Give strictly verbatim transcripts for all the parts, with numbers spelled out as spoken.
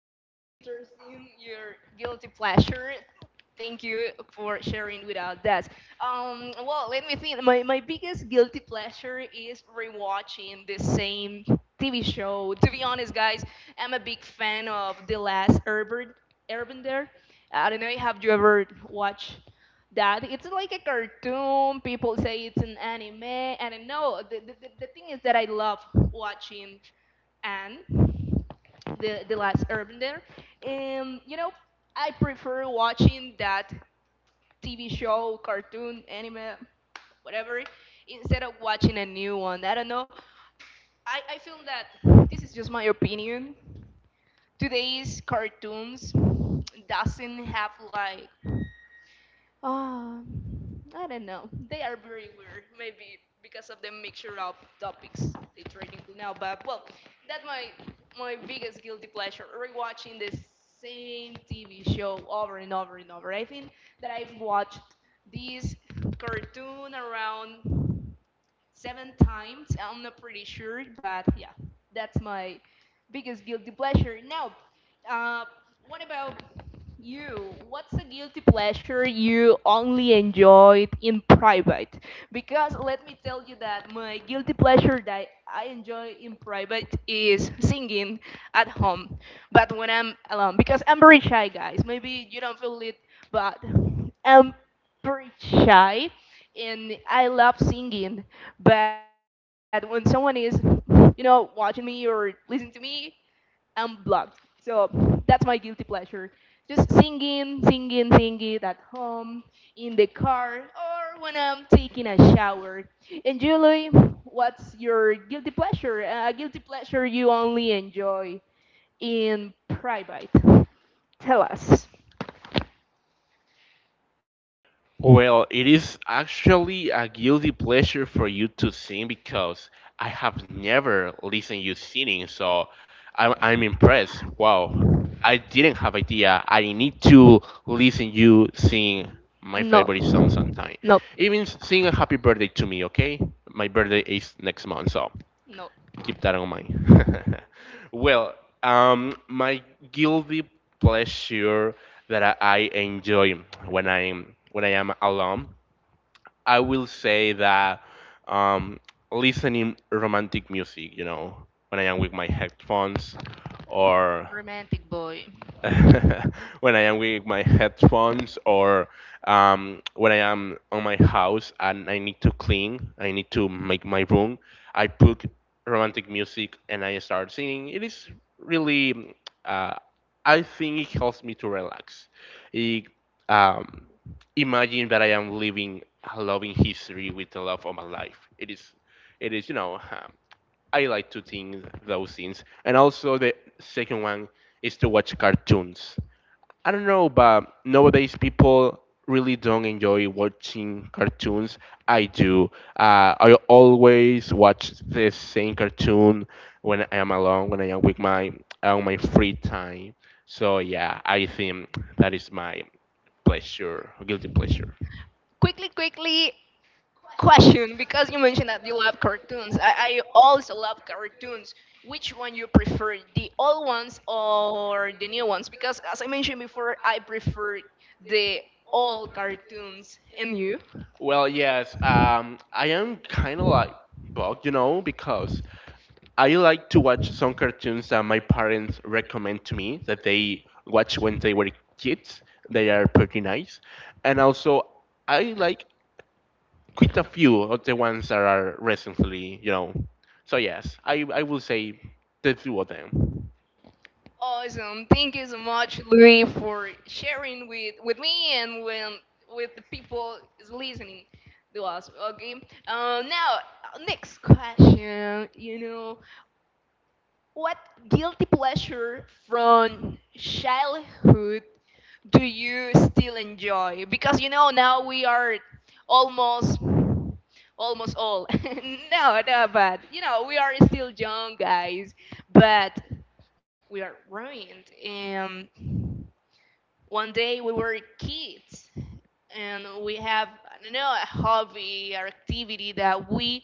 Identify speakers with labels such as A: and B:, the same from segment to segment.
A: very interesting, your guilty pleasure. Thank you for sharing with us that. Um, well, let me think. My, my biggest guilty pleasure is rewatching the same T V show. To be honest, guys, I'm a big fan of The Last Urban, Urban I don't know, have you ever watched that? It's like a cartoon. People say it's an anime, and I know the, the, the the thing is that I love watching and the the last Airbender. Um, you know, I prefer watching that T V show, cartoon, anime, whatever, instead of watching a new one. I don't know. I, I feel that this is just my opinion. Today's cartoons doesn't have like oh, I don't know. They are very weird, maybe because of the mixture of topics they treating now. But well, that's my my biggest guilty pleasure: rewatching the same T V show over and over and over. I think that I've watched this cartoon around seven times. I'm not pretty sure, but yeah, that's my biggest guilty pleasure. Now, uh, what about you? What's a guilty pleasure you only enjoyed in private? Because let me tell you that my guilty pleasure that I enjoy in private is singing at home, but when I'm alone, because I'm very shy, guys. Maybe you don't feel it, but I'm pretty shy and I love singing. But when someone is, you know, watching me or listening to me, I'm blocked. So that's my guilty pleasure. Just singing, singing, singing at home, in the car, or when I'm taking a shower. And Julie, what's your guilty pleasure? A guilty pleasure you only enjoy in private. Tell us.
B: Well, it is actually a guilty pleasure for you to sing because I have never listened you singing, so I'm, I'm impressed. Wow, I didn't have idea. I need to listen you sing my
A: No,
B: favorite song sometime.
A: no,
B: Even s- sing a happy birthday to me, okay? My birthday is next month, so
A: no,
B: keep that in mind. well, um, my guilty pleasure that I, I enjoy when I'm when I am alone, I will say that um, listening romantic music, you know, when I am with my headphones, or
A: romantic boy.
B: when I am with my headphones, or um, when I am on my house and I need to clean, I need to make my room, I put romantic music and I start singing. It is really, uh, I think it helps me to relax. It, um, Imagine that I am living a loving history with the love of my life. It is, it is, you know, um, I like to think those things. And also the second one is to watch cartoons. I don't know, but nowadays people really don't enjoy watching cartoons. I do. Uh, I always watch the same cartoon when I am alone, when I am with my on my free time. So yeah, I think that is my pleasure, guilty pleasure.
A: Quickly, quickly, question, because you mentioned that you love cartoons. I, I also love cartoons. Which one you prefer, the old ones or the new ones? Because as I mentioned before, I prefer the old cartoons. And you?
B: Well, yes, um, I am kind of like bugged, you know, because I like to watch some cartoons that my parents recommend to me that they watch when they were kids. They are pretty nice. And also, I like quite a few of the ones that are recently, you know. So yes, I, I will say the two of them.
A: Awesome. Thank you so much, Louis, for sharing with, with me and when, with the people is listening to us. Okay. Uh, now, next question. You know, what guilty pleasure from childhood do you still enjoy? Because you know now we are almost almost old. No, no, but you know we are still young guys, but we are ruined. And one day we were kids and we have I don't know a hobby or activity that we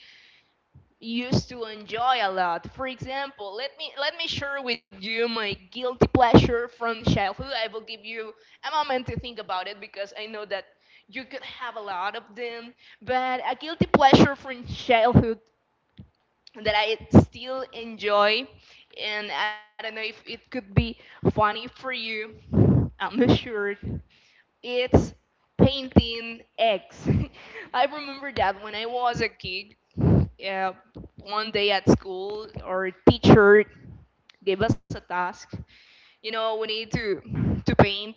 A: used to enjoy a lot. For example, let me let me share with you my guilty pleasure from childhood. I will give you a moment to think about it because I know that you could have a lot of them. But a guilty pleasure from childhood that I still enjoy, and I don't know if it could be funny for you. I'm not sure. It's painting eggs. I remember that when I was a kid, uh, one day at school our teacher gave us a task, you know, we need to to paint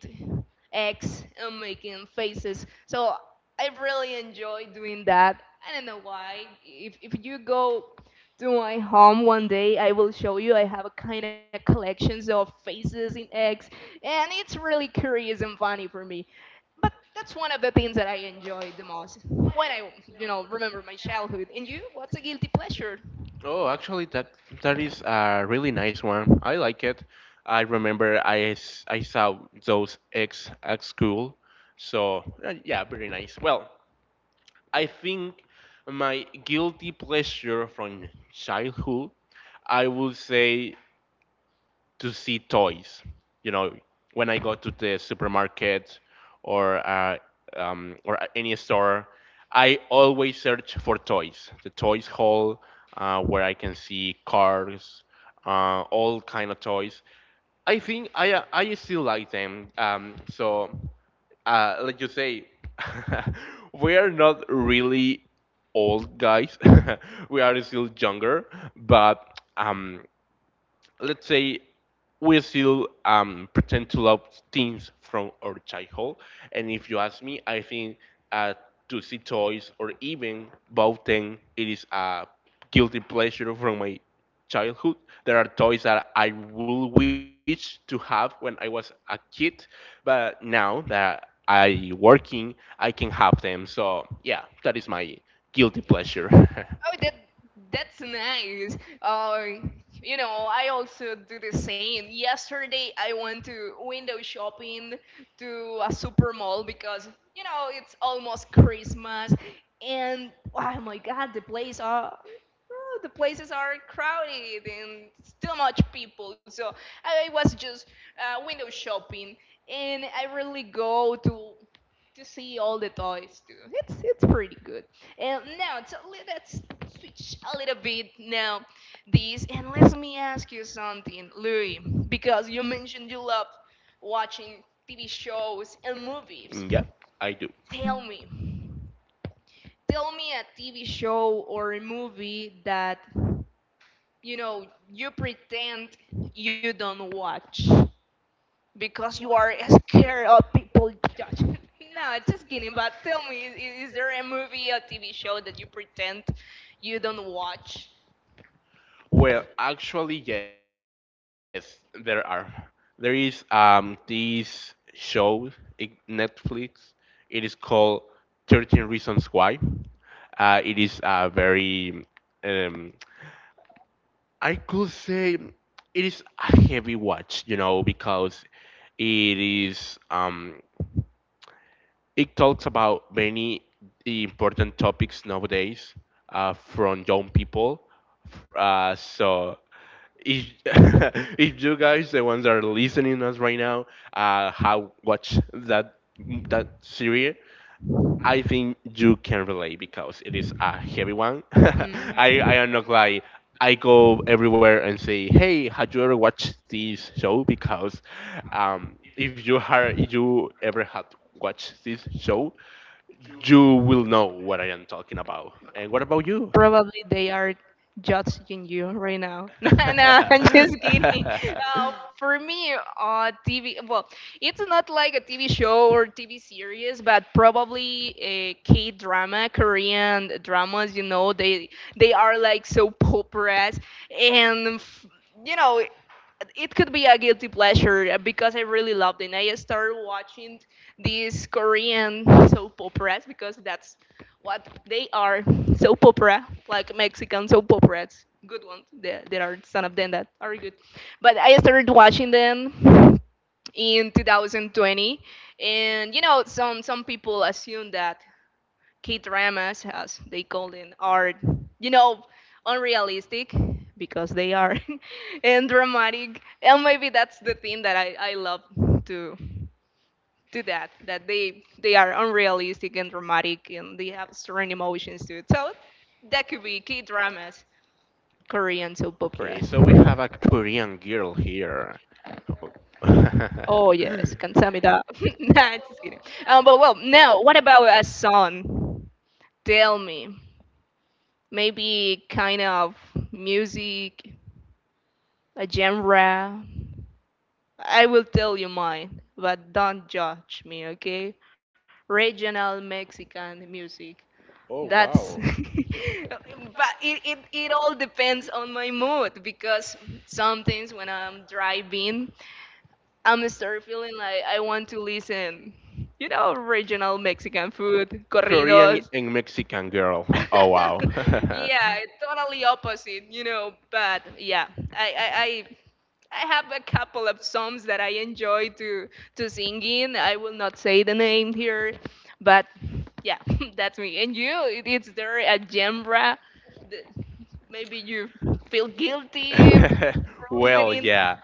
A: eggs and making faces. So I really enjoy doing that. I don't know why. If, if you go to my home one day, I will show you. I have a kind of collections of faces in eggs, and it's really curious and funny for me. But that's one of the things that I enjoy the most when I, you know, remember my childhood. And you, what's a guilty pleasure?
B: Oh, actually, that that is a really nice one. I like it. I remember I, s- I saw those eggs at school. So uh, yeah, very nice. Well, I think my guilty pleasure from childhood, I would say to see toys. You know, when I go to the supermarket or uh, um, or a- any store, I always search for toys. The toys hall uh, where I can see cars, uh, all kind of toys. I think I I still like them. Um, so uh, like you say, we are not really old guys. We are still younger, but um, let's say we still um, pretend to love things from our childhood. And if you ask me, I think uh, to see toys or even both them, it is a guilty pleasure from my childhood. There are toys that I will wish to have when I was a kid, but now that I working, I can have them. So yeah, that is my guilty pleasure.
A: Oh, that that's nice. Uh, you know, I also do the same. Yesterday, I went to window shopping to a super mall because you know it's almost Christmas, and oh my God, the place are. oh, the places are crowded and still much people, so I was just uh, window shopping, and I really go to to see all the toys too. It's it's pretty good. And now so le- let's switch a little bit. Now this, and let me ask you something, Louis, because you mentioned you love watching T V shows and movies.
B: Yeah, I do.
A: Tell me, tell me a T V show or a movie that you know you pretend you don't watch, because you are scared of people judging. No, just kidding. But tell me, is, is there a movie or T V show that you pretend you don't watch?
B: Well, actually, yes, there are. There is um this show in Netflix. It is called Thirteen Reasons Why. Uh, it is a very um, I could say it is a heavy watch, you know, because it is um it talks about many important topics nowadays uh, from young people. Uh, so if, if you guys, the ones that are listening us right now, uh, have watched that that series, I think you can relate because it is a heavy one.
A: Mm.
B: I I am not like I go everywhere and say, "Hey, have you ever watched this show?" Because um, if you are, if you ever had watched this show, you will know what I am talking about. And what about you?
A: Probably they are judging you right now. No, no, I'm just kidding. Uh, for me, uh, T V, well, it's not like a T V show or T V series, but probably a K drama, Korean dramas. You know, they they are like so popularized, and f- you know, it could be a guilty pleasure uh, because I really loved it. And I started watching these Korean soap operas because that's what they are, soap opera, like Mexican soap operas. Good ones. There, there are some of them that are good. But I started watching them in twenty twenty, and you know some some people assume that K dramas, as they call them, are, you know, unrealistic because they are and dramatic. And maybe that's the thing that I, I love to to that that they they are unrealistic and dramatic, and they have strong emotions too. So that could be K dramas, Korean soap
B: Okay,
A: operas.
B: so we have a Korean girl here.
A: Oh yes, Kansamida. Nah, just kidding. Um, but well, now what about a song? Tell me. Maybe kind of music, a genre. I will tell you mine, but don't judge me, okay? Regional Mexican music.
B: Oh,
A: That's
B: wow.
A: but it, it, it all depends on my mood, because sometimes when I'm driving, I'm start feeling like I want to listen, you know, regional Mexican food,
B: Korean
A: corridos,
B: and Mexican girl. Oh, wow.
A: yeah, it's totally opposite, you know. But yeah, I, I, I I have a couple of songs that I enjoy to to sing in. I will not say the name here, but yeah, that's me. And you, it, it's there a genre that maybe you feel guilty for
B: Well,
A: listening?
B: yeah.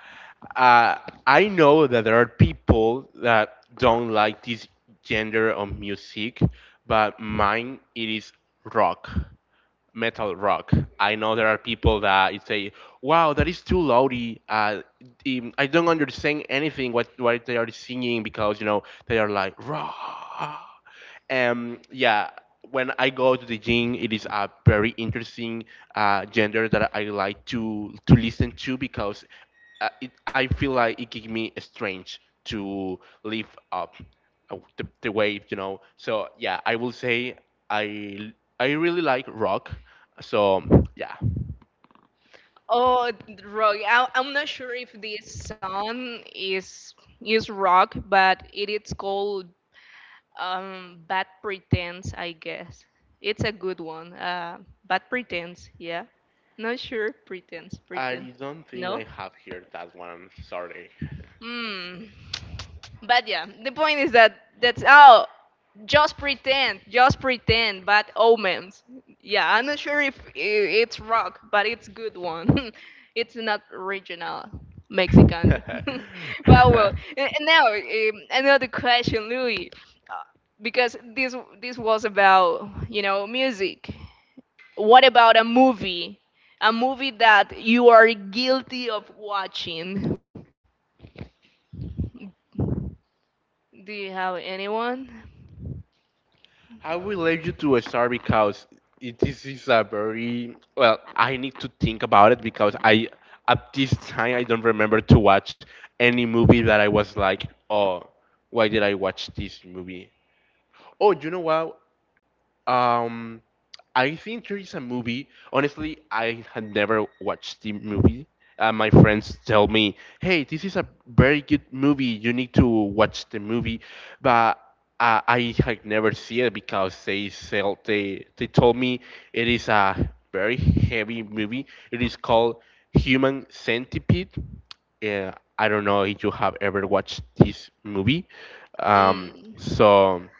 B: Uh, I know that there are people that don't like this gender of music, but mine it is rock. Metal rock. I know there are people that say, "Wow, that is too loudy. Uh, um, I don't understand anything what what they are singing because you know they are like raw." Um, yeah. When I go to the gym, it is a very interesting uh, gender that I like to to listen to because uh, it, I feel like it gave me strange to live up uh, the, the wave, you know. So yeah, I will say I I really like rock. So yeah,
A: Oh, rock. I, I'm not sure if this song is is rock, but it is called Um, Bad Pretense, I guess. It's a good one. Uh, Bad Pretense, yeah. Not sure. Pretense, pretense.
B: I don't think
A: No?
B: I have here that one. Sorry.
A: Hmm. But yeah, the point is that that's. Oh, just pretend, just pretend, but omens. Yeah, I'm not sure if i- it's rock, but it's good one. It's not original Mexican. But well, a- and now um, another question, Louis, uh, because this this was about you know music. What about a movie? A movie that you are guilty of watching. Do you have anyone?
B: I will relate you to a star because it, this is a very well. I need to think about it because I at this time I don't remember to watch any movie that I was like, oh, why did I watch this movie? Oh, you know what? Um, I think there is a movie. Honestly, I had never watched the movie. Uh, my friends tell me, "Hey, this is a very good movie. You need to watch the movie," but uh, I had never seen it because they sell they they told me it is a very heavy movie. It is called Human Centipede. Yeah, I don't know if you have ever watched this movie. Um,
A: Mm.
B: so.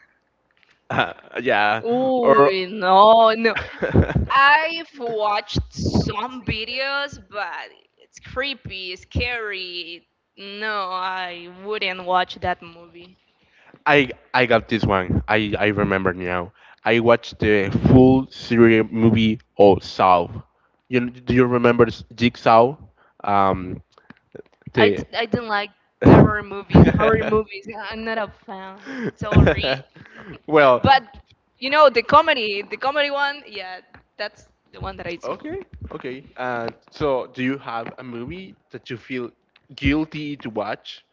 B: Uh, yeah.
A: Ooh,
B: Or
A: no, no. I've watched some videos, but it's creepy, scary. No, I wouldn't watch that movie.
B: I I got this one. I I remember now. I watched the full series movie of Saw. You kn- do you remember s- Jigsaw? Um,
A: I,
B: the
A: d- I didn't like terror movies, horror movies. I'm not a fan. Sorry.
B: Well,
A: But, you know, the comedy, the comedy one, yeah, that's the one that I see.
B: okay, okay. Uh, so do you have a movie that you feel guilty to watch?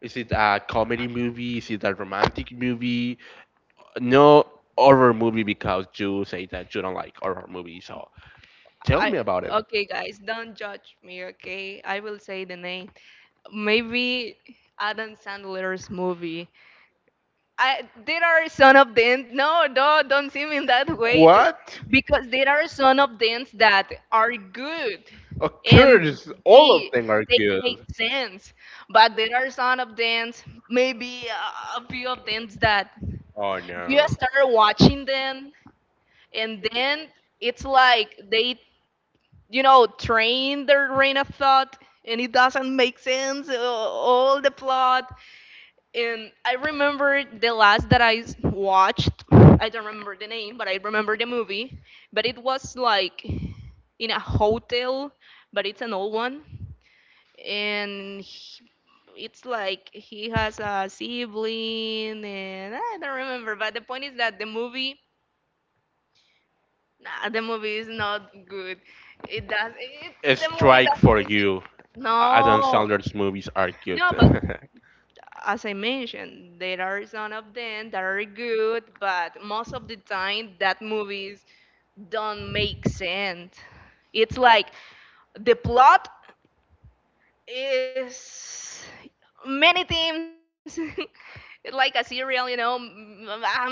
B: Is it a comedy movie? Is it a romantic movie? No horror movie because you say that you don't like horror movies. So tell me
A: I,
B: about it.
A: okay, guys, don't judge me, okay? I will say the name. Maybe Adam Sandler's movie. I, they are son of dance. No, no, don't see me in that way. Th-
B: What
A: Because there are son of dance that are good, and
B: occurs? All of
A: they
B: them are
A: they make
B: good.
A: sense. But there are son of dance, maybe uh, a few of dance that
B: Oh
A: you
B: no.
A: start watching them, and then it's like they, you know, train their brain of thought, and it doesn't make sense. uh, All the plot, and I remember the last that I s- watched. I don't remember the name, but I remember the movie. But it was like in a hotel, but it's an old one. And he- it's like he has a sibling, and I don't remember. But the point is that the movie, nah, the movie is not good. It does. It,
B: A
A: the movie
B: strike
A: doesn't
B: for
A: make sense.
B: you. Adam
A: No,
B: Sandler's movies are good.
A: no, but as I mentioned, there are some of them that are good, but most of the time that movies don't make sense. It's like the plot is many things. Like a serial, you know. m- I'm not sure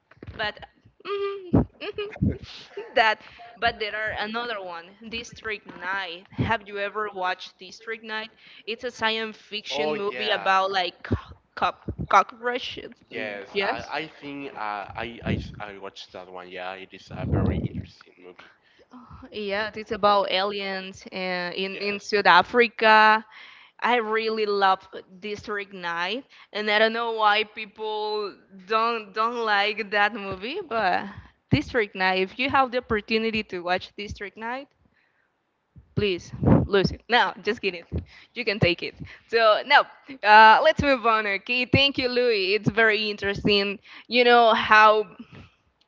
A: but mhm, mhm, that. But there are another one, District nine. Have you ever watched District nine? It's a science
B: Oh,
A: fiction movie
B: yeah.
A: about like co- cop cockroaches. Mm,
B: Yes, I,
A: yes.
B: I think uh, I, I s- I watched that one. Yeah, it is a very interesting movie.
A: Yeah, it's about aliens uh, in in
B: Yes.
A: South Africa. I really love District nine, and I don't know why people don't don't like that movie, but District nine, if you have the opportunity to watch District nine, please lose it. No, just kidding. You can take it. So, no, uh, let's move on, okay? Thank you, Louis. It's very interesting, you know, how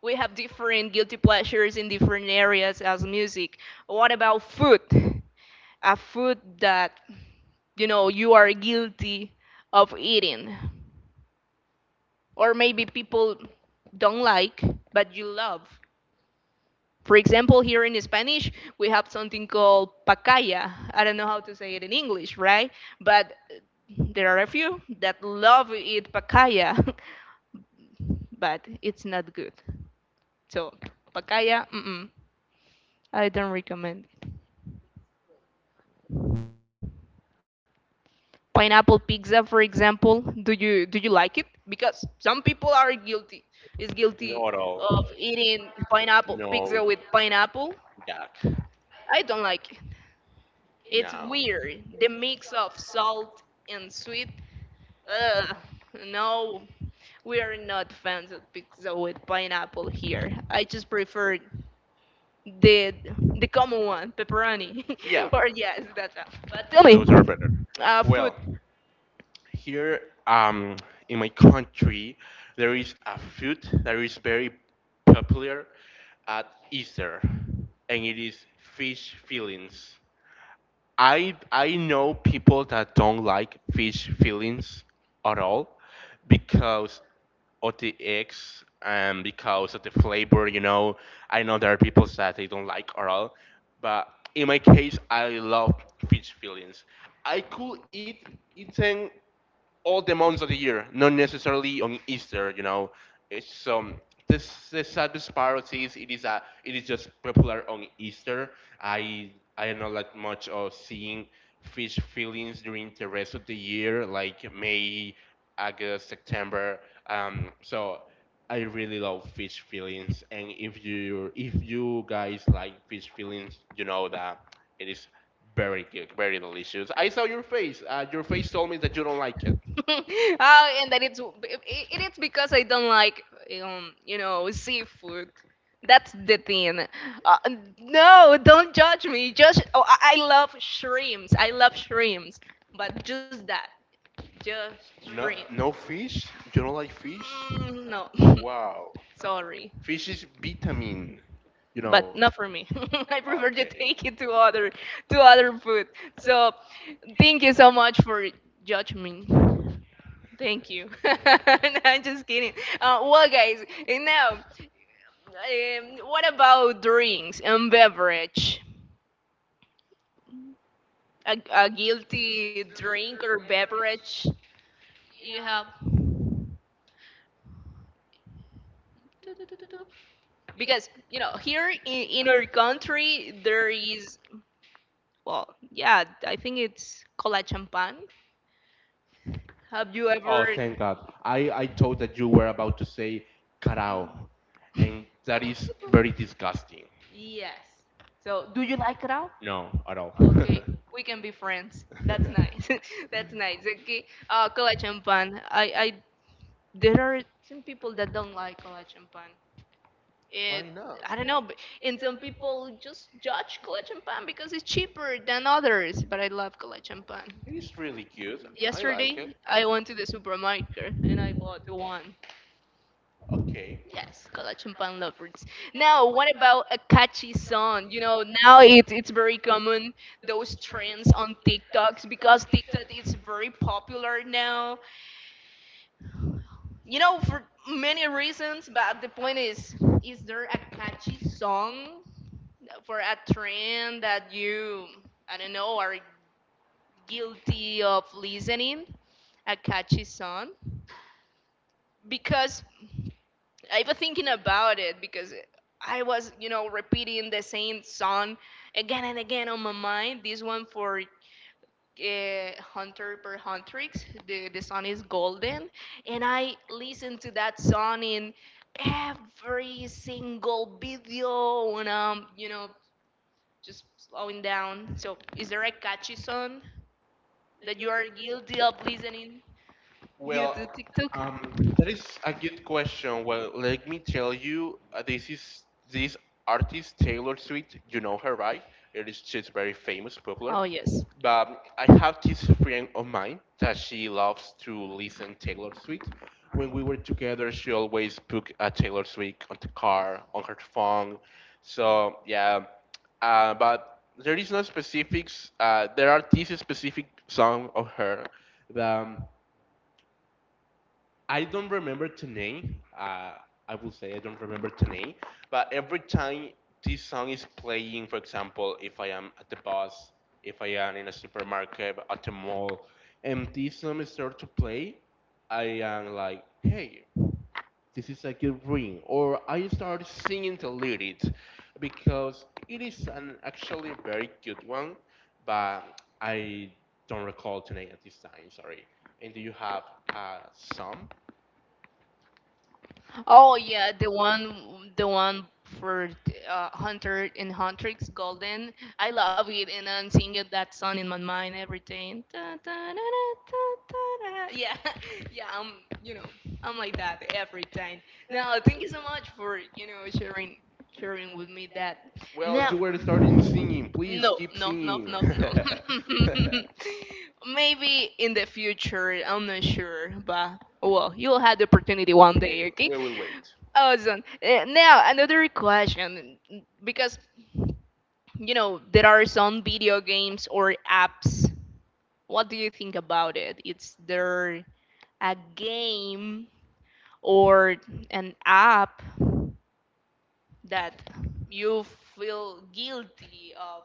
A: we have different guilty pleasures in different areas as music. What about food? A food that you know you are guilty of eating, or maybe people don't like, but you love. For example, here in Spanish we have something called pacaya. I don't know how to say it in English, right? But uh, there are a few that love eat pacaya but it's not good. So pacaya, mm-mm, I don't recommend. Pineapple pizza, for example. Do you do you like it? Because some people are guilty, is guilty
B: Not at all.
A: of eating pineapple pizza
B: No.
A: with pineapple.
B: Jack.
A: I don't like it. It's
B: No.
A: weird, the mix of salt and sweet. Ugh, no, we are not fans of pizza with pineapple here. I just prefer the the common one, pepperoni.
B: Yeah,
A: Or yes, that's all. But tell me,
B: those are better.
A: uh, food.
B: Well, here, um, in my country, there is a food that is very popular at Easter, and it is fish fillings. I I know people that don't like fish fillings at all because of the eggs and because of the flavor. You know, I know there are people that they don't like at all, but in my case, I love fish fillings. I could eat eaten all the months of the year, not necessarily on Easter. You know, it's um this the sad disparity is it is a it is just popular on Easter. I I do not that much of seeing fish fillings during the rest of the year, like May, August, September. Um, so I really love fish fillings, and if you if you guys like fish fillings, you know that it is very good, very delicious. I saw your face. Uh, your face told me that you don't like it.
A: Oh, and that it's it, it's because I don't like, um you know seafood. That's the thing. Uh, no, don't judge me. Just, oh, I, I love shrimps. I love shrimps, but just that, just shrimp.
B: No, no fish. You don't like fish?
A: Mm, no,
B: Wow.
A: sorry,
B: Fish is vitamin. You
A: but
B: know.
A: not for me. I prefer to
B: Okay.
A: take it to other to other food. So, thank you so much for judging me. Thank you. No, I'm just kidding. Uh, well, guys, eh, now, um, what about drinks and beverage? A, a guilty drink or beverage you have? Because, you know, here in, in our country, there is, well, yeah, I think it's cola champagne. Have you ever?
B: Oh, thank God. I, I thought that you were about to say carao, and that is very disgusting.
A: Yes. So, do you like it?
B: No, at all.
A: Okay, we can be friends. That's nice. That's nice. Okay. Uh, collagen pan. I, I, there are some people that don't like collagen pan. It,
B: Why not?
A: I don't know, but, and some people just judge collagen pan because it's cheaper than others. But I love collagen pan.
B: It is really cute. I like
A: Yesterday,
B: it.
A: I went to the supermarket and I bought one.
B: Okay.
A: Yes, Collection Pan lovers. Now, what about a catchy song? You know, now it's it's very common, those trends on TikToks, because TikTok is very popular now. You know, for many reasons, but the point is, is there a catchy song for a trend that you, I don't know, are guilty of listening? A catchy song? Because I was thinking about it, because I was, you know, repeating the same song again and again on my mind. This one for uh, Hunter per Huntrix. The, the song is Golden. And I listened to that song in every single video when I'm, you know, just slowing down. So, is there a catchy song that you are guilty of listening due
B: Well,
A: to TikTok?
B: um, that is a good question. Well, let me tell you, uh, this is this artist Taylor Swift. You know her, right? It is She's very famous, popular.
A: Oh, yes.
B: But I have this friend of mine that she loves to listen Taylor Swift. When we were together, she always put a Taylor Swift on the car, on her phone. So yeah, uh, but there is no specifics. Uh, there are these specific song of her that, Um, I don't remember the name. Uh, I will say I don't remember the name. But every time this song is playing, for example, if I am at the bus, if I am in a supermarket, at the mall, and this song starts to play, I am like, hey, this is like a good ring. Or I start singing the lyrics because it is an actually very good one, but I don't recall the name at this time, sorry. And do you have uh, some?
A: Oh yeah, the one, the one for uh, Hunter and Huntress Golden. I love it, and I'm singing that song in my mind every day. Da, da, da, da, da, da, da. Yeah, yeah, I'm, you know, I'm like that every time. Now, thank you so much for, you know, sharing, sharing with me that.
B: Well,
A: Now,
B: you were starting singing. Please
A: no,
B: keep
A: no, no,
B: singing.
A: no, no. Maybe in the future, I'm not sure, but well, you'll have the opportunity one
B: Okay,
A: day, okay?
B: we will wait.
A: Awesome. Uh, now, another question, because you know there are some video games or apps. What do you think about it? Is there a game or an app that you feel guilty of,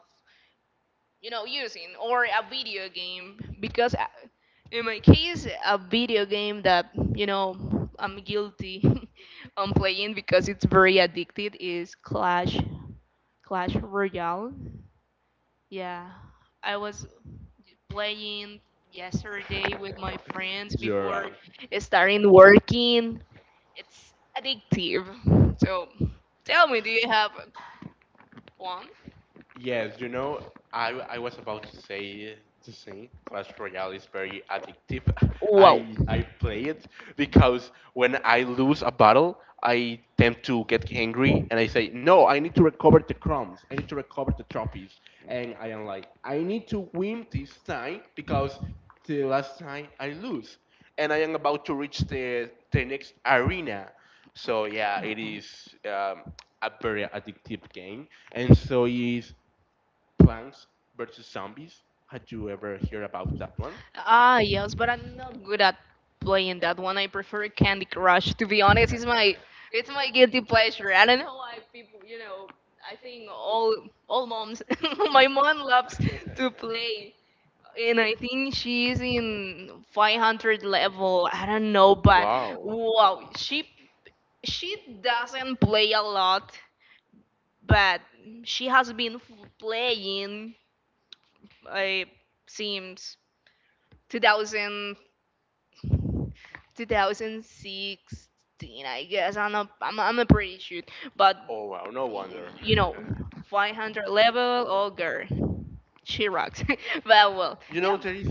A: you know, using, or a video game? Because uh, in my case, a video game that, you know, I'm guilty on playing because it's very addicted is Clash Clash Royale. Yeah, I was playing yesterday with my friends
B: You're right.
A: before starting working. It's addictive. So tell me, do you have one?
B: Yes, you know, I, I was about to say the same. Clash Royale is very addictive.
A: Wow.
B: I I play it because when I lose a battle, I tend to get angry and I say, "No, I need to recover the crumbs. I need to recover the trophies." And I am like, "I need to win this time because the last time I lose." And I am about to reach the the next arena. So yeah, it is um, a very addictive game. And so is Plants vs Zombies. Had you ever heard about that one?
A: Ah, yes, but I'm not good at playing that one. I prefer Candy Crush. To be honest, it's my it's my guilty pleasure. I don't know why people, you know, I think all all moms, my mom loves to play and I think she's in five hundred level. I don't know, but
B: Wow.
A: wow, she she doesn't play a lot, but she has been f- playing uh, since two thousand two thousand sixteen, I guess. I'm not I'm, I'm not pretty sure, but
B: Oh, wow, no
A: y-
B: wonder.
A: you know, five hundred level, oh girl, she rocks. But well,
B: You know
A: yeah,
B: there is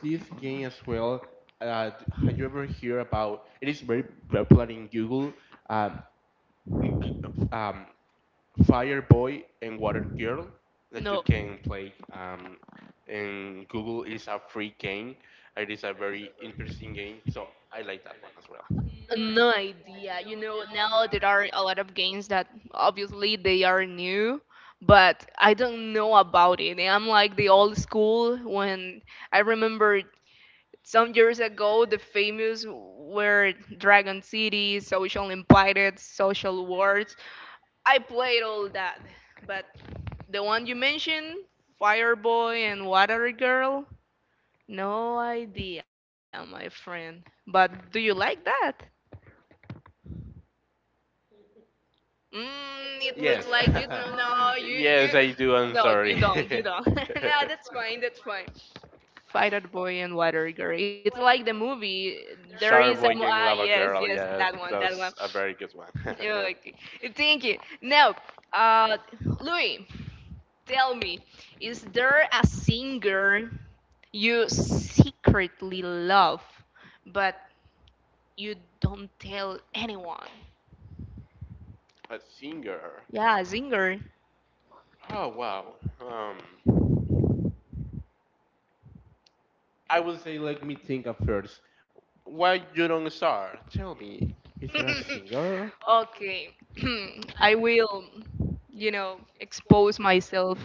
B: this game as well. Uh, d- have you ever heard about? It is very popular in Google. Um, g- um, Fire Boy and Water Girl that you
A: no.
B: can play um, in Google. It is a free game. It is a very interesting game. So I like that one as well.
A: No idea. You know, now there are a lot of games that obviously they are new, but I don't know about it. I'm like the old school when I remember some years ago the famous were Dragon City, Social Invited, Social Wars. I played all that, but the one you mentioned, Fireboy and Water Girl, no idea, my friend. But do you like that? Mm, it looks
B: Yes.
A: like you don't know. You you
B: Yes, I do.
A: no,
B: I'm
A: you
B: sorry.
A: don't. You don't. No, that's fine. That's fine. Fighter boy and water girl. It's like the movie. There is
B: Sharp
A: a
B: Boy
A: mo-
B: and
A: ah,
B: Lava
A: yes,
B: Girl.
A: yes,
B: Yeah,
A: that one, that one.
B: that's a very good one.
A: Yeah, okay. Thank you. Now, uh, Louis, tell me, is there a singer you secretly love, but you don't tell anyone?
B: A singer.
A: Yeah, a singer.
B: Oh, wow. Um, I would say, let me think at first. Why you don't start? Tell me. Is there a singer?
A: Okay. I will, you know, expose myself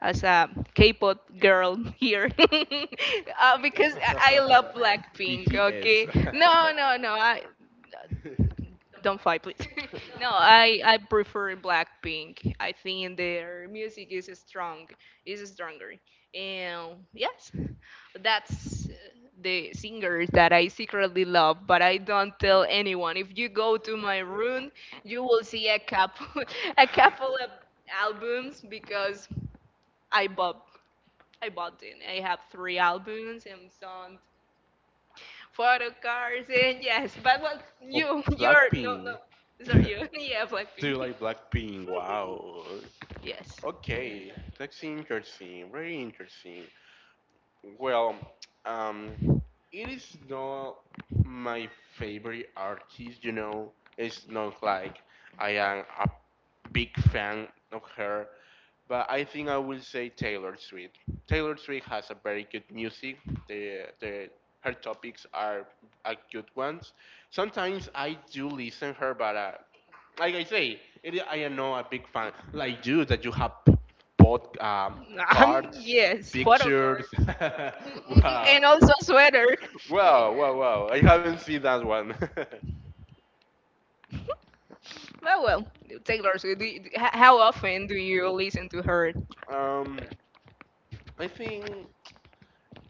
A: as a K-pop girl here, uh, because I I love Blackpink.
B: B T S.
A: Okay, no, no, no. I don't fight, please. No, I I prefer Blackpink. I think their music is strong, is stronger. And yes, that's uh, the singer that I secretly love, but I don't tell anyone. If you go to my room, you will see a couple, a couple of albums because I bought, I bought it. I have three albums and some photo cards. And yes, but what
B: Oh,
A: you you're no,
B: Blackpink.
A: no, it's not you. Yeah,
B: Do you
A: Blackpink.
B: like Blackpink? Wow.
A: Yes.
B: Okay, that's interesting. Very interesting. Well, um, it is not my favorite artist. You know, it's not like I am a big fan of her, but I think I will say Taylor Swift. Taylor Swift has a very good music. The the her topics are a good ones. Sometimes I do listen her, but uh, like I say, it, I am not a big fan like you that you have bought um,
A: Um
B: cards,
A: yes, photo
B: pictures.
A: cards.
B: Wow.
A: And also sweater.
B: Wow, wow, wow. I haven't seen that one.
A: But well, Taylor Swift, do you, do- h- how often do you listen to her
B: um, I think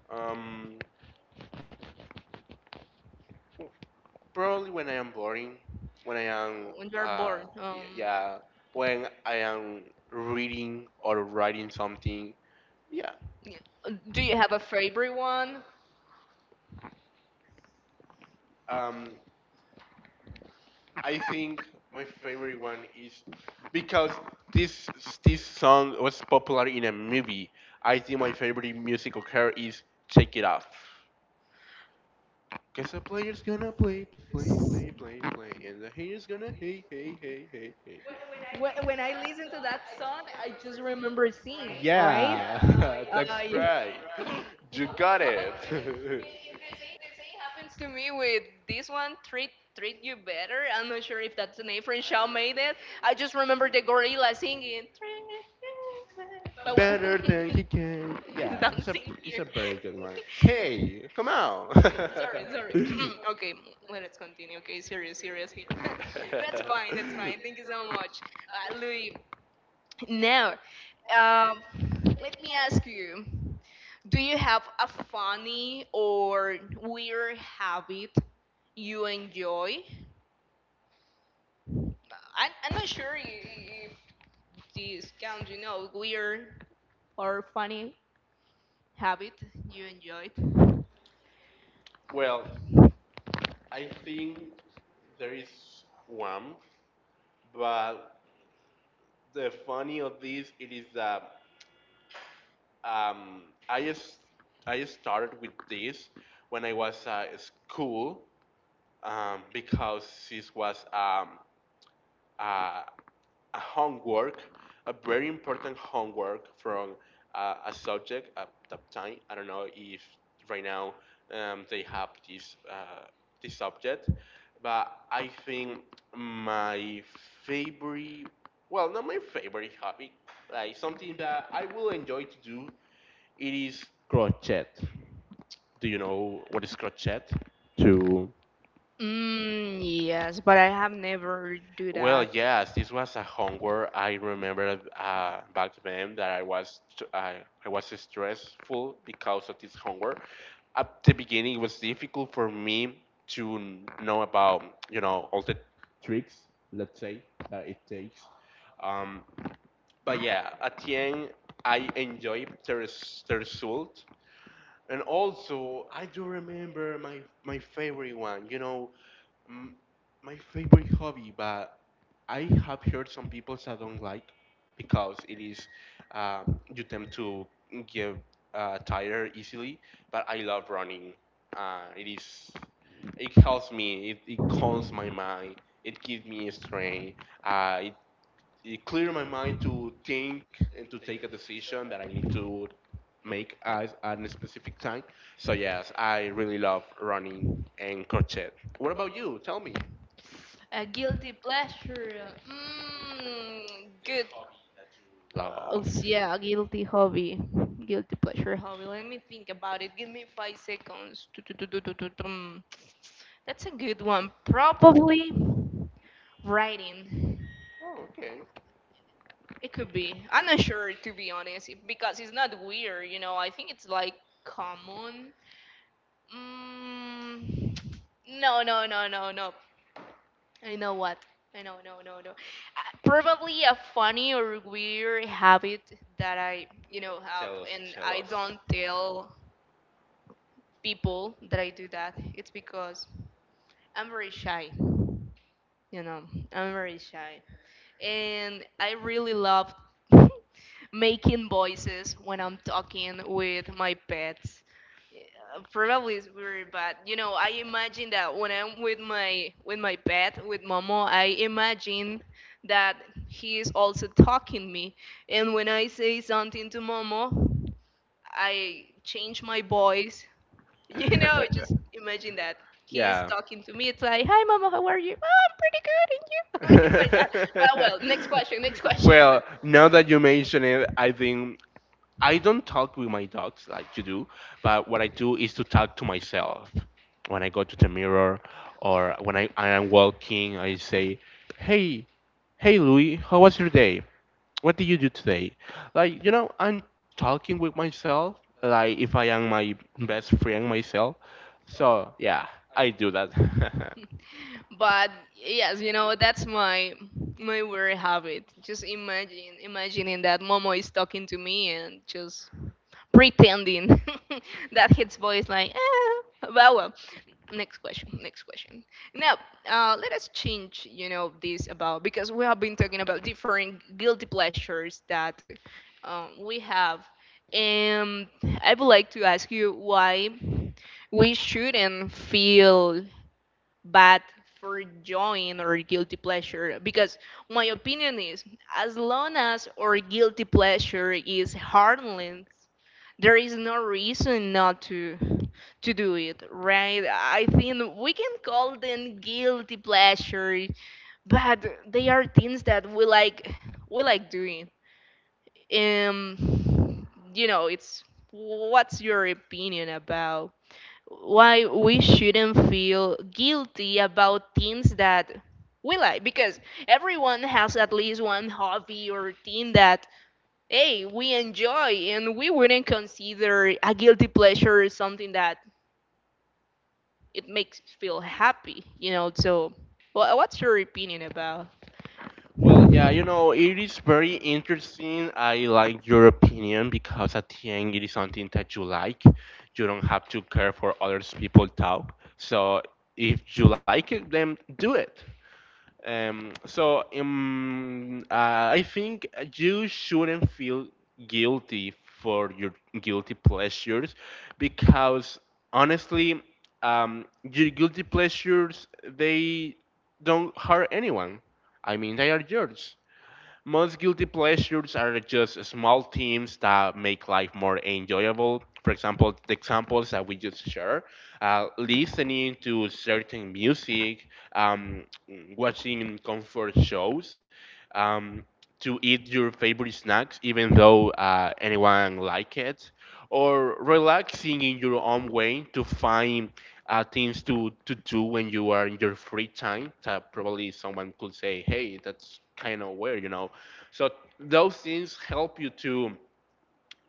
B: um, probably when I am boring, when I am,
A: when you're
B: uh,
A: bored?
B: y-
A: Um,
B: yeah, when I am reading or writing something. Yeah.
A: y- do you have a favorite one?
B: Um, I think my favorite one is because this this song was popular in a movie. I think my favorite musical care is "Take It Off." Cause the player's gonna play, play, play, play, play, and the haters gonna hey, hey, hey, hey, hey. When,
A: When,
B: when
A: when I
B: I listen
A: listen to
B: to
A: that
B: that song,
A: song,
B: I
A: I
B: just
A: just remember
B: remember seeing,
A: seeing,
B: right?
A: right?
B: Yeah.
A: Yeah. Uh,
B: Like,
A: yeah.
B: that's
A: That's
B: right.
A: right. You
B: You
A: got
B: got
A: okay.
B: it.
A: It-
B: it, it's insane,
A: It- The same happens to me with this one, Treat Treat You Better. I'm not sure if that's the name from made it. I just remember the gorilla singing, Treat You Better.
B: but
A: But
B: when
A: well,
B: better than he can.
A: please
B: Yeah,
A: don't
B: it's a
A: sing here.
B: it's a very good one. Hey, come on.
A: Hey,
B: Sorry. Sorry. Okay, let
A: sorry,
B: us
A: sorry.
B: continue.
A: Okay, let's continue.
B: Okay,
A: Okay, serious,
B: seriously, let's
A: serious here.
B: keep going. That's
A: That's
B: fine.
A: fine,
B: You
A: that's
B: can leave this
A: fine. Thank you
B: on
A: so much.
B: lunch.
A: Uh, Louis, now, um, let me ask you, do you have a funny or weird habit you enjoy? I, I'm not sure i- if this counts, you know, weird or funny habit you enjoyed.
B: Well, I think there is one, but the funny of this it is that um, I s- I started with this when I was at uh, school um, because this was um, a, a homework, a very important homework from uh, a subject at that time. I don't know if right now um, they have this uh, this subject, but I think my favorite, well, not my favorite hobby, like something that I will enjoy to do, it is crochet. Do you know what is crochet? To
A: Mm, yes, but I have never do
B: well,
A: that.
B: yes, this was a homework. I remember uh, back then that I was I, I was stressful because of this homework. At the beginning, it was difficult for me to know about you know all the tricks, let's say, that it takes. Um, but yeah, at the end, I enjoy the, res- the result. And also, I do remember my my favorite one. You know, Mm, my favorite hobby, but I have heard some people that don't like because it is uh, you tend to get uh, tired easily. But I love running. Uh, it is it helps me. It, it calms my mind. It gives me strength. Uh, it it clears my mind to think and to take a decision that I need to make at, at a specific time. So yes, I really love running and crochet. What about you? Tell me.
A: A guilty pleasure. Mm, good. Oh,
B: Love.
A: s- yeah, a guilty hobby. Guilty pleasure hobby. Let me think about it. Give me five seconds. Tu- tu- tu- tu- tu- tu- tum. That's a good one. Probably writing.
B: Oh, okay.
A: It could be. I'm not sure, to be honest, it- because it's not weird, you know. I think it's like common. Mm, no, no, no, no, no. I know what. I know, no, no, no. Uh, Probably a funny or weird habit that I, you know, have,
B: Tell us,
A: and
B: tell
A: I
B: us.
A: don't tell people that I do that. It's because I'm very shy. You know, I'm very shy, and I really love making voices when I'm talking with my pets. Uh, Probably it's weird, but you know, I imagine that when I'm with my with my pet, with Momo, I imagine that he is also talking me. And when I say something to Momo, I change my voice, you know, just imagine that he is
B: Yeah.
A: talking to me. It's like, "Hi, mama, how are you? Oh, I'm pretty good, and you?" It's like that. But well, next question, next question.
B: Well, now that you mention it, I think I don't talk with my dogs like you do, but what I do is to talk to myself. When I go to the mirror or when I, I am walking, I say, "Hey, hey Louis, how was your day? What did you do today?" Like, you know, I'm talking with myself, like if I am my best friend myself. So, yeah, I do that.
A: But yes, you know, that's my my worry habit. Just imagine, imagining that Momo is talking to me and just pretending that his voice like eh. Well, well next question, next question. Now, uh, let us change, you know, this about, because we have been talking about different guilty pleasures that um, we have, and I would like to ask you why we shouldn't feel bad for joining our guilty pleasure. Because my opinion is, as long as our guilty pleasure is harmless, there is no reason not to to do it, right? I think we can call them guilty pleasure, but they are things that we like we like doing. um you know it's What's your opinion about why we shouldn't feel guilty about things that we like? Because everyone has at least one hobby or thing that, hey, we enjoy, and we wouldn't consider a guilty pleasure something that it makes feel happy, you know. So, wha what's your opinion about?
B: Well, yeah, you know, it is very interesting. I like your opinion because at the end, it is something that you like. You don't have to care for others people talk. So if you like it, then do it. Um, so um, uh, I think you shouldn't feel guilty for your guilty pleasures because honestly, um, your guilty pleasures they don't hurt anyone. I mean, they are yours. Most guilty pleasures are just small things that make life more enjoyable. For example, the examples that we just shared, uh, listening to certain music, um, watching comfort shows, um, to eat your favorite snacks, even though uh, anyone like it, or relaxing in your own way to find uh, things to, to do when you are in your free time. That probably someone could say, hey, that's kind of weird, you know, so those things help you to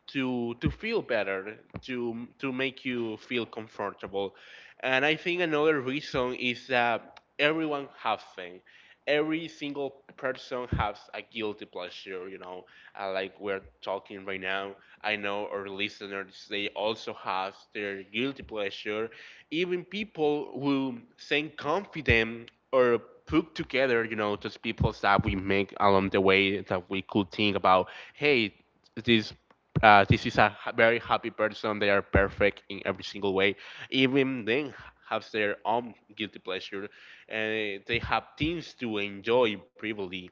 B: to to feel better, to to make you feel comfortable. And I think another reason is that everyone has things, every single person has a guilty pleasure, you know, uh, like we're talking right now. I know our listeners, they also have their guilty pleasure, even people who seem confident or put together, you know, those people that we make along the way that we could think about, hey, this uh, this is a ha- very happy person. They are perfect in every single way. Even then, have their own guilty pleasure, and they have things to enjoy privily.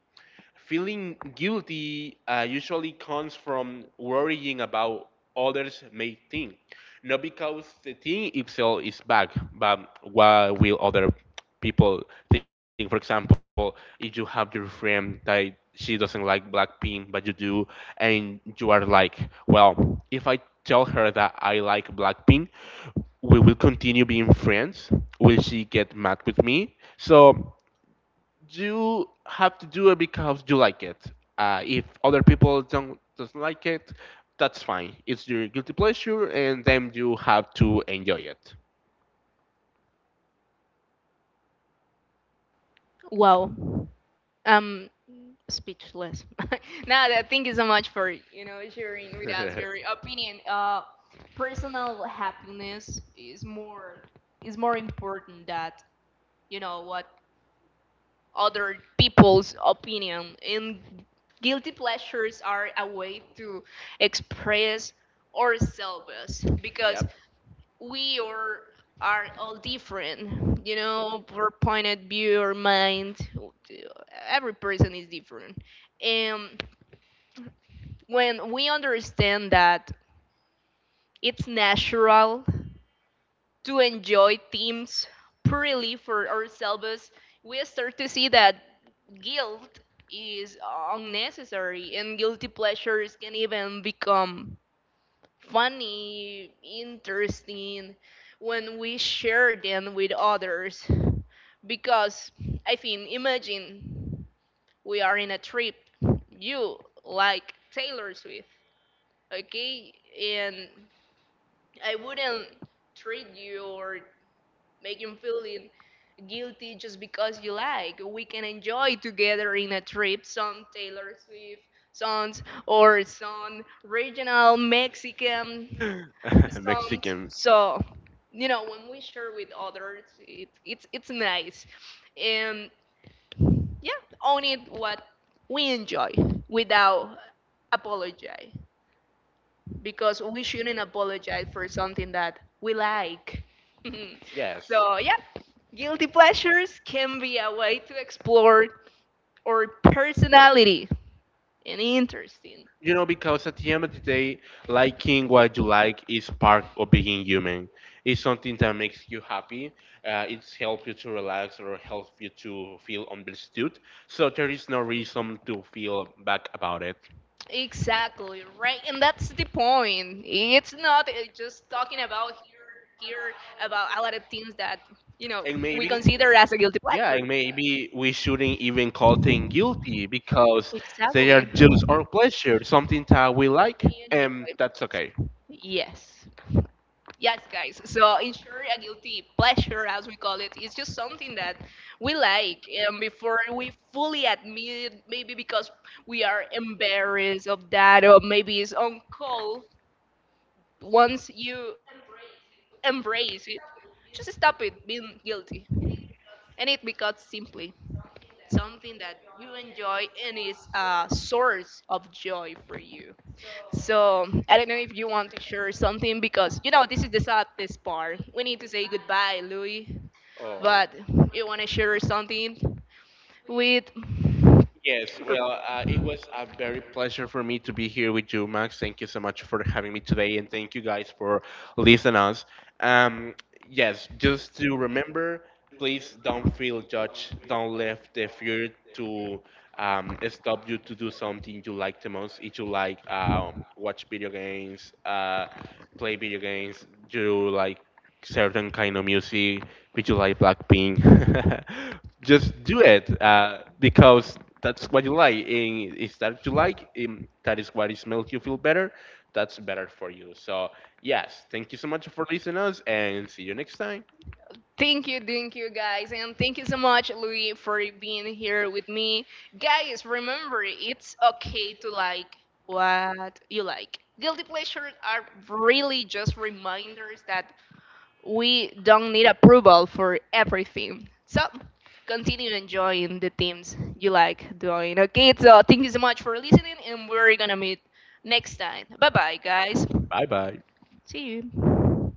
B: Feeling guilty uh, usually comes from worrying about others may think, not because the thing itself is bad, but what will other people think. For example, if you have your friend that she doesn't like Blackpink, but you do, and you are like, well, if I tell her that I like Blackpink, we will continue being friends. Will she get mad with me? So you have to do it because you like it. Uh, if other people don't doesn't like it, that's fine. It's your guilty pleasure, and then you have to enjoy it.
A: Well, um, speechless. Now, that thank you so much for, you know, sharing with us your opinion. Uh, personal happiness is more is more important that, you know, what other people's opinion. And guilty pleasures are a way to express ourselves, because
B: Yep.
A: we are, are all different, you know, our point of view, our mind. Every person is different. And when we understand that it's natural to enjoy themes purely for ourselves, we start to see that guilt is unnecessary and guilty pleasures can even become funny, interesting when we share them with others. Because I think, imagine we are in a trip, you like Taylor Swift, okay? And I wouldn't treat you or make him feeling guilty just because you like. We can enjoy together in a trip some Taylor Swift songs or some regional Mexican songs.
B: Mexican.
A: So, you know, when we share with others, it, it's it's nice, and yeah, own it what we enjoy without apologize, because we shouldn't apologize for something that we like.
B: Yes.
A: So, yeah, guilty pleasures can be a way to explore our personality and interesting.
B: You know, because at the end of the day, liking what you like is part of being human. It's something that makes you happy. Uh, it's help you to relax or help you to feel understood. So there is no reason to feel bad about it.
A: Exactly, right? And that's the point. It's not uh, just talking about here about a lot of things that, you know, we
B: And
A: consider
B: maybe,
A: as a guilty pleasure.
B: yeah, and maybe we shouldn't even call things guilty because
A: Exactly.
B: they are just our pleasure, something that we like, and
A: Enjoy.
B: that's okay.
A: Yes. Yes, guys. So, in short, a guilty pleasure, as we call it, is just something that we like, um, before we fully admit it, maybe because we are embarrassed of that, or maybe it's on call. Once you embrace it, just stop it being guilty. And it becomes simply something that you enjoy and is a source of joy for you. So, I don't know if you want to share something, because you know this is the saddest part. We need to say goodbye, Louis. But
B: Oh.
A: you want to share something with,
B: Yes, well, uh, it
A: or
B: was a very pleasure for me to be here with you, Max. Thank you so much for having me today, and thank you guys for listening us. Um, yes, just to remember, please don't feel judged. Don't let the fear to um, stop you to do something you like the most. If you like um, watch video games, uh, play video games, do like certain kind of music, would you like Blackpink? Just do it uh, because that's what you like. And if that you like, um, that is what is make you feel better. That's better for you. So yes, thank you so much for listening us, and see you next time.
A: thank you, thank you guys, and thank you so much, Louis, for being here with me. Guys, remember, it's okay to like what you like. Guilty pleasures are really just reminders that we don't need approval for everything. So continue enjoying the themes you like doing. Okay, so thank you so much for listening, and we're gonna meet next time. Bye bye, guys.
B: Bye bye.
A: See you.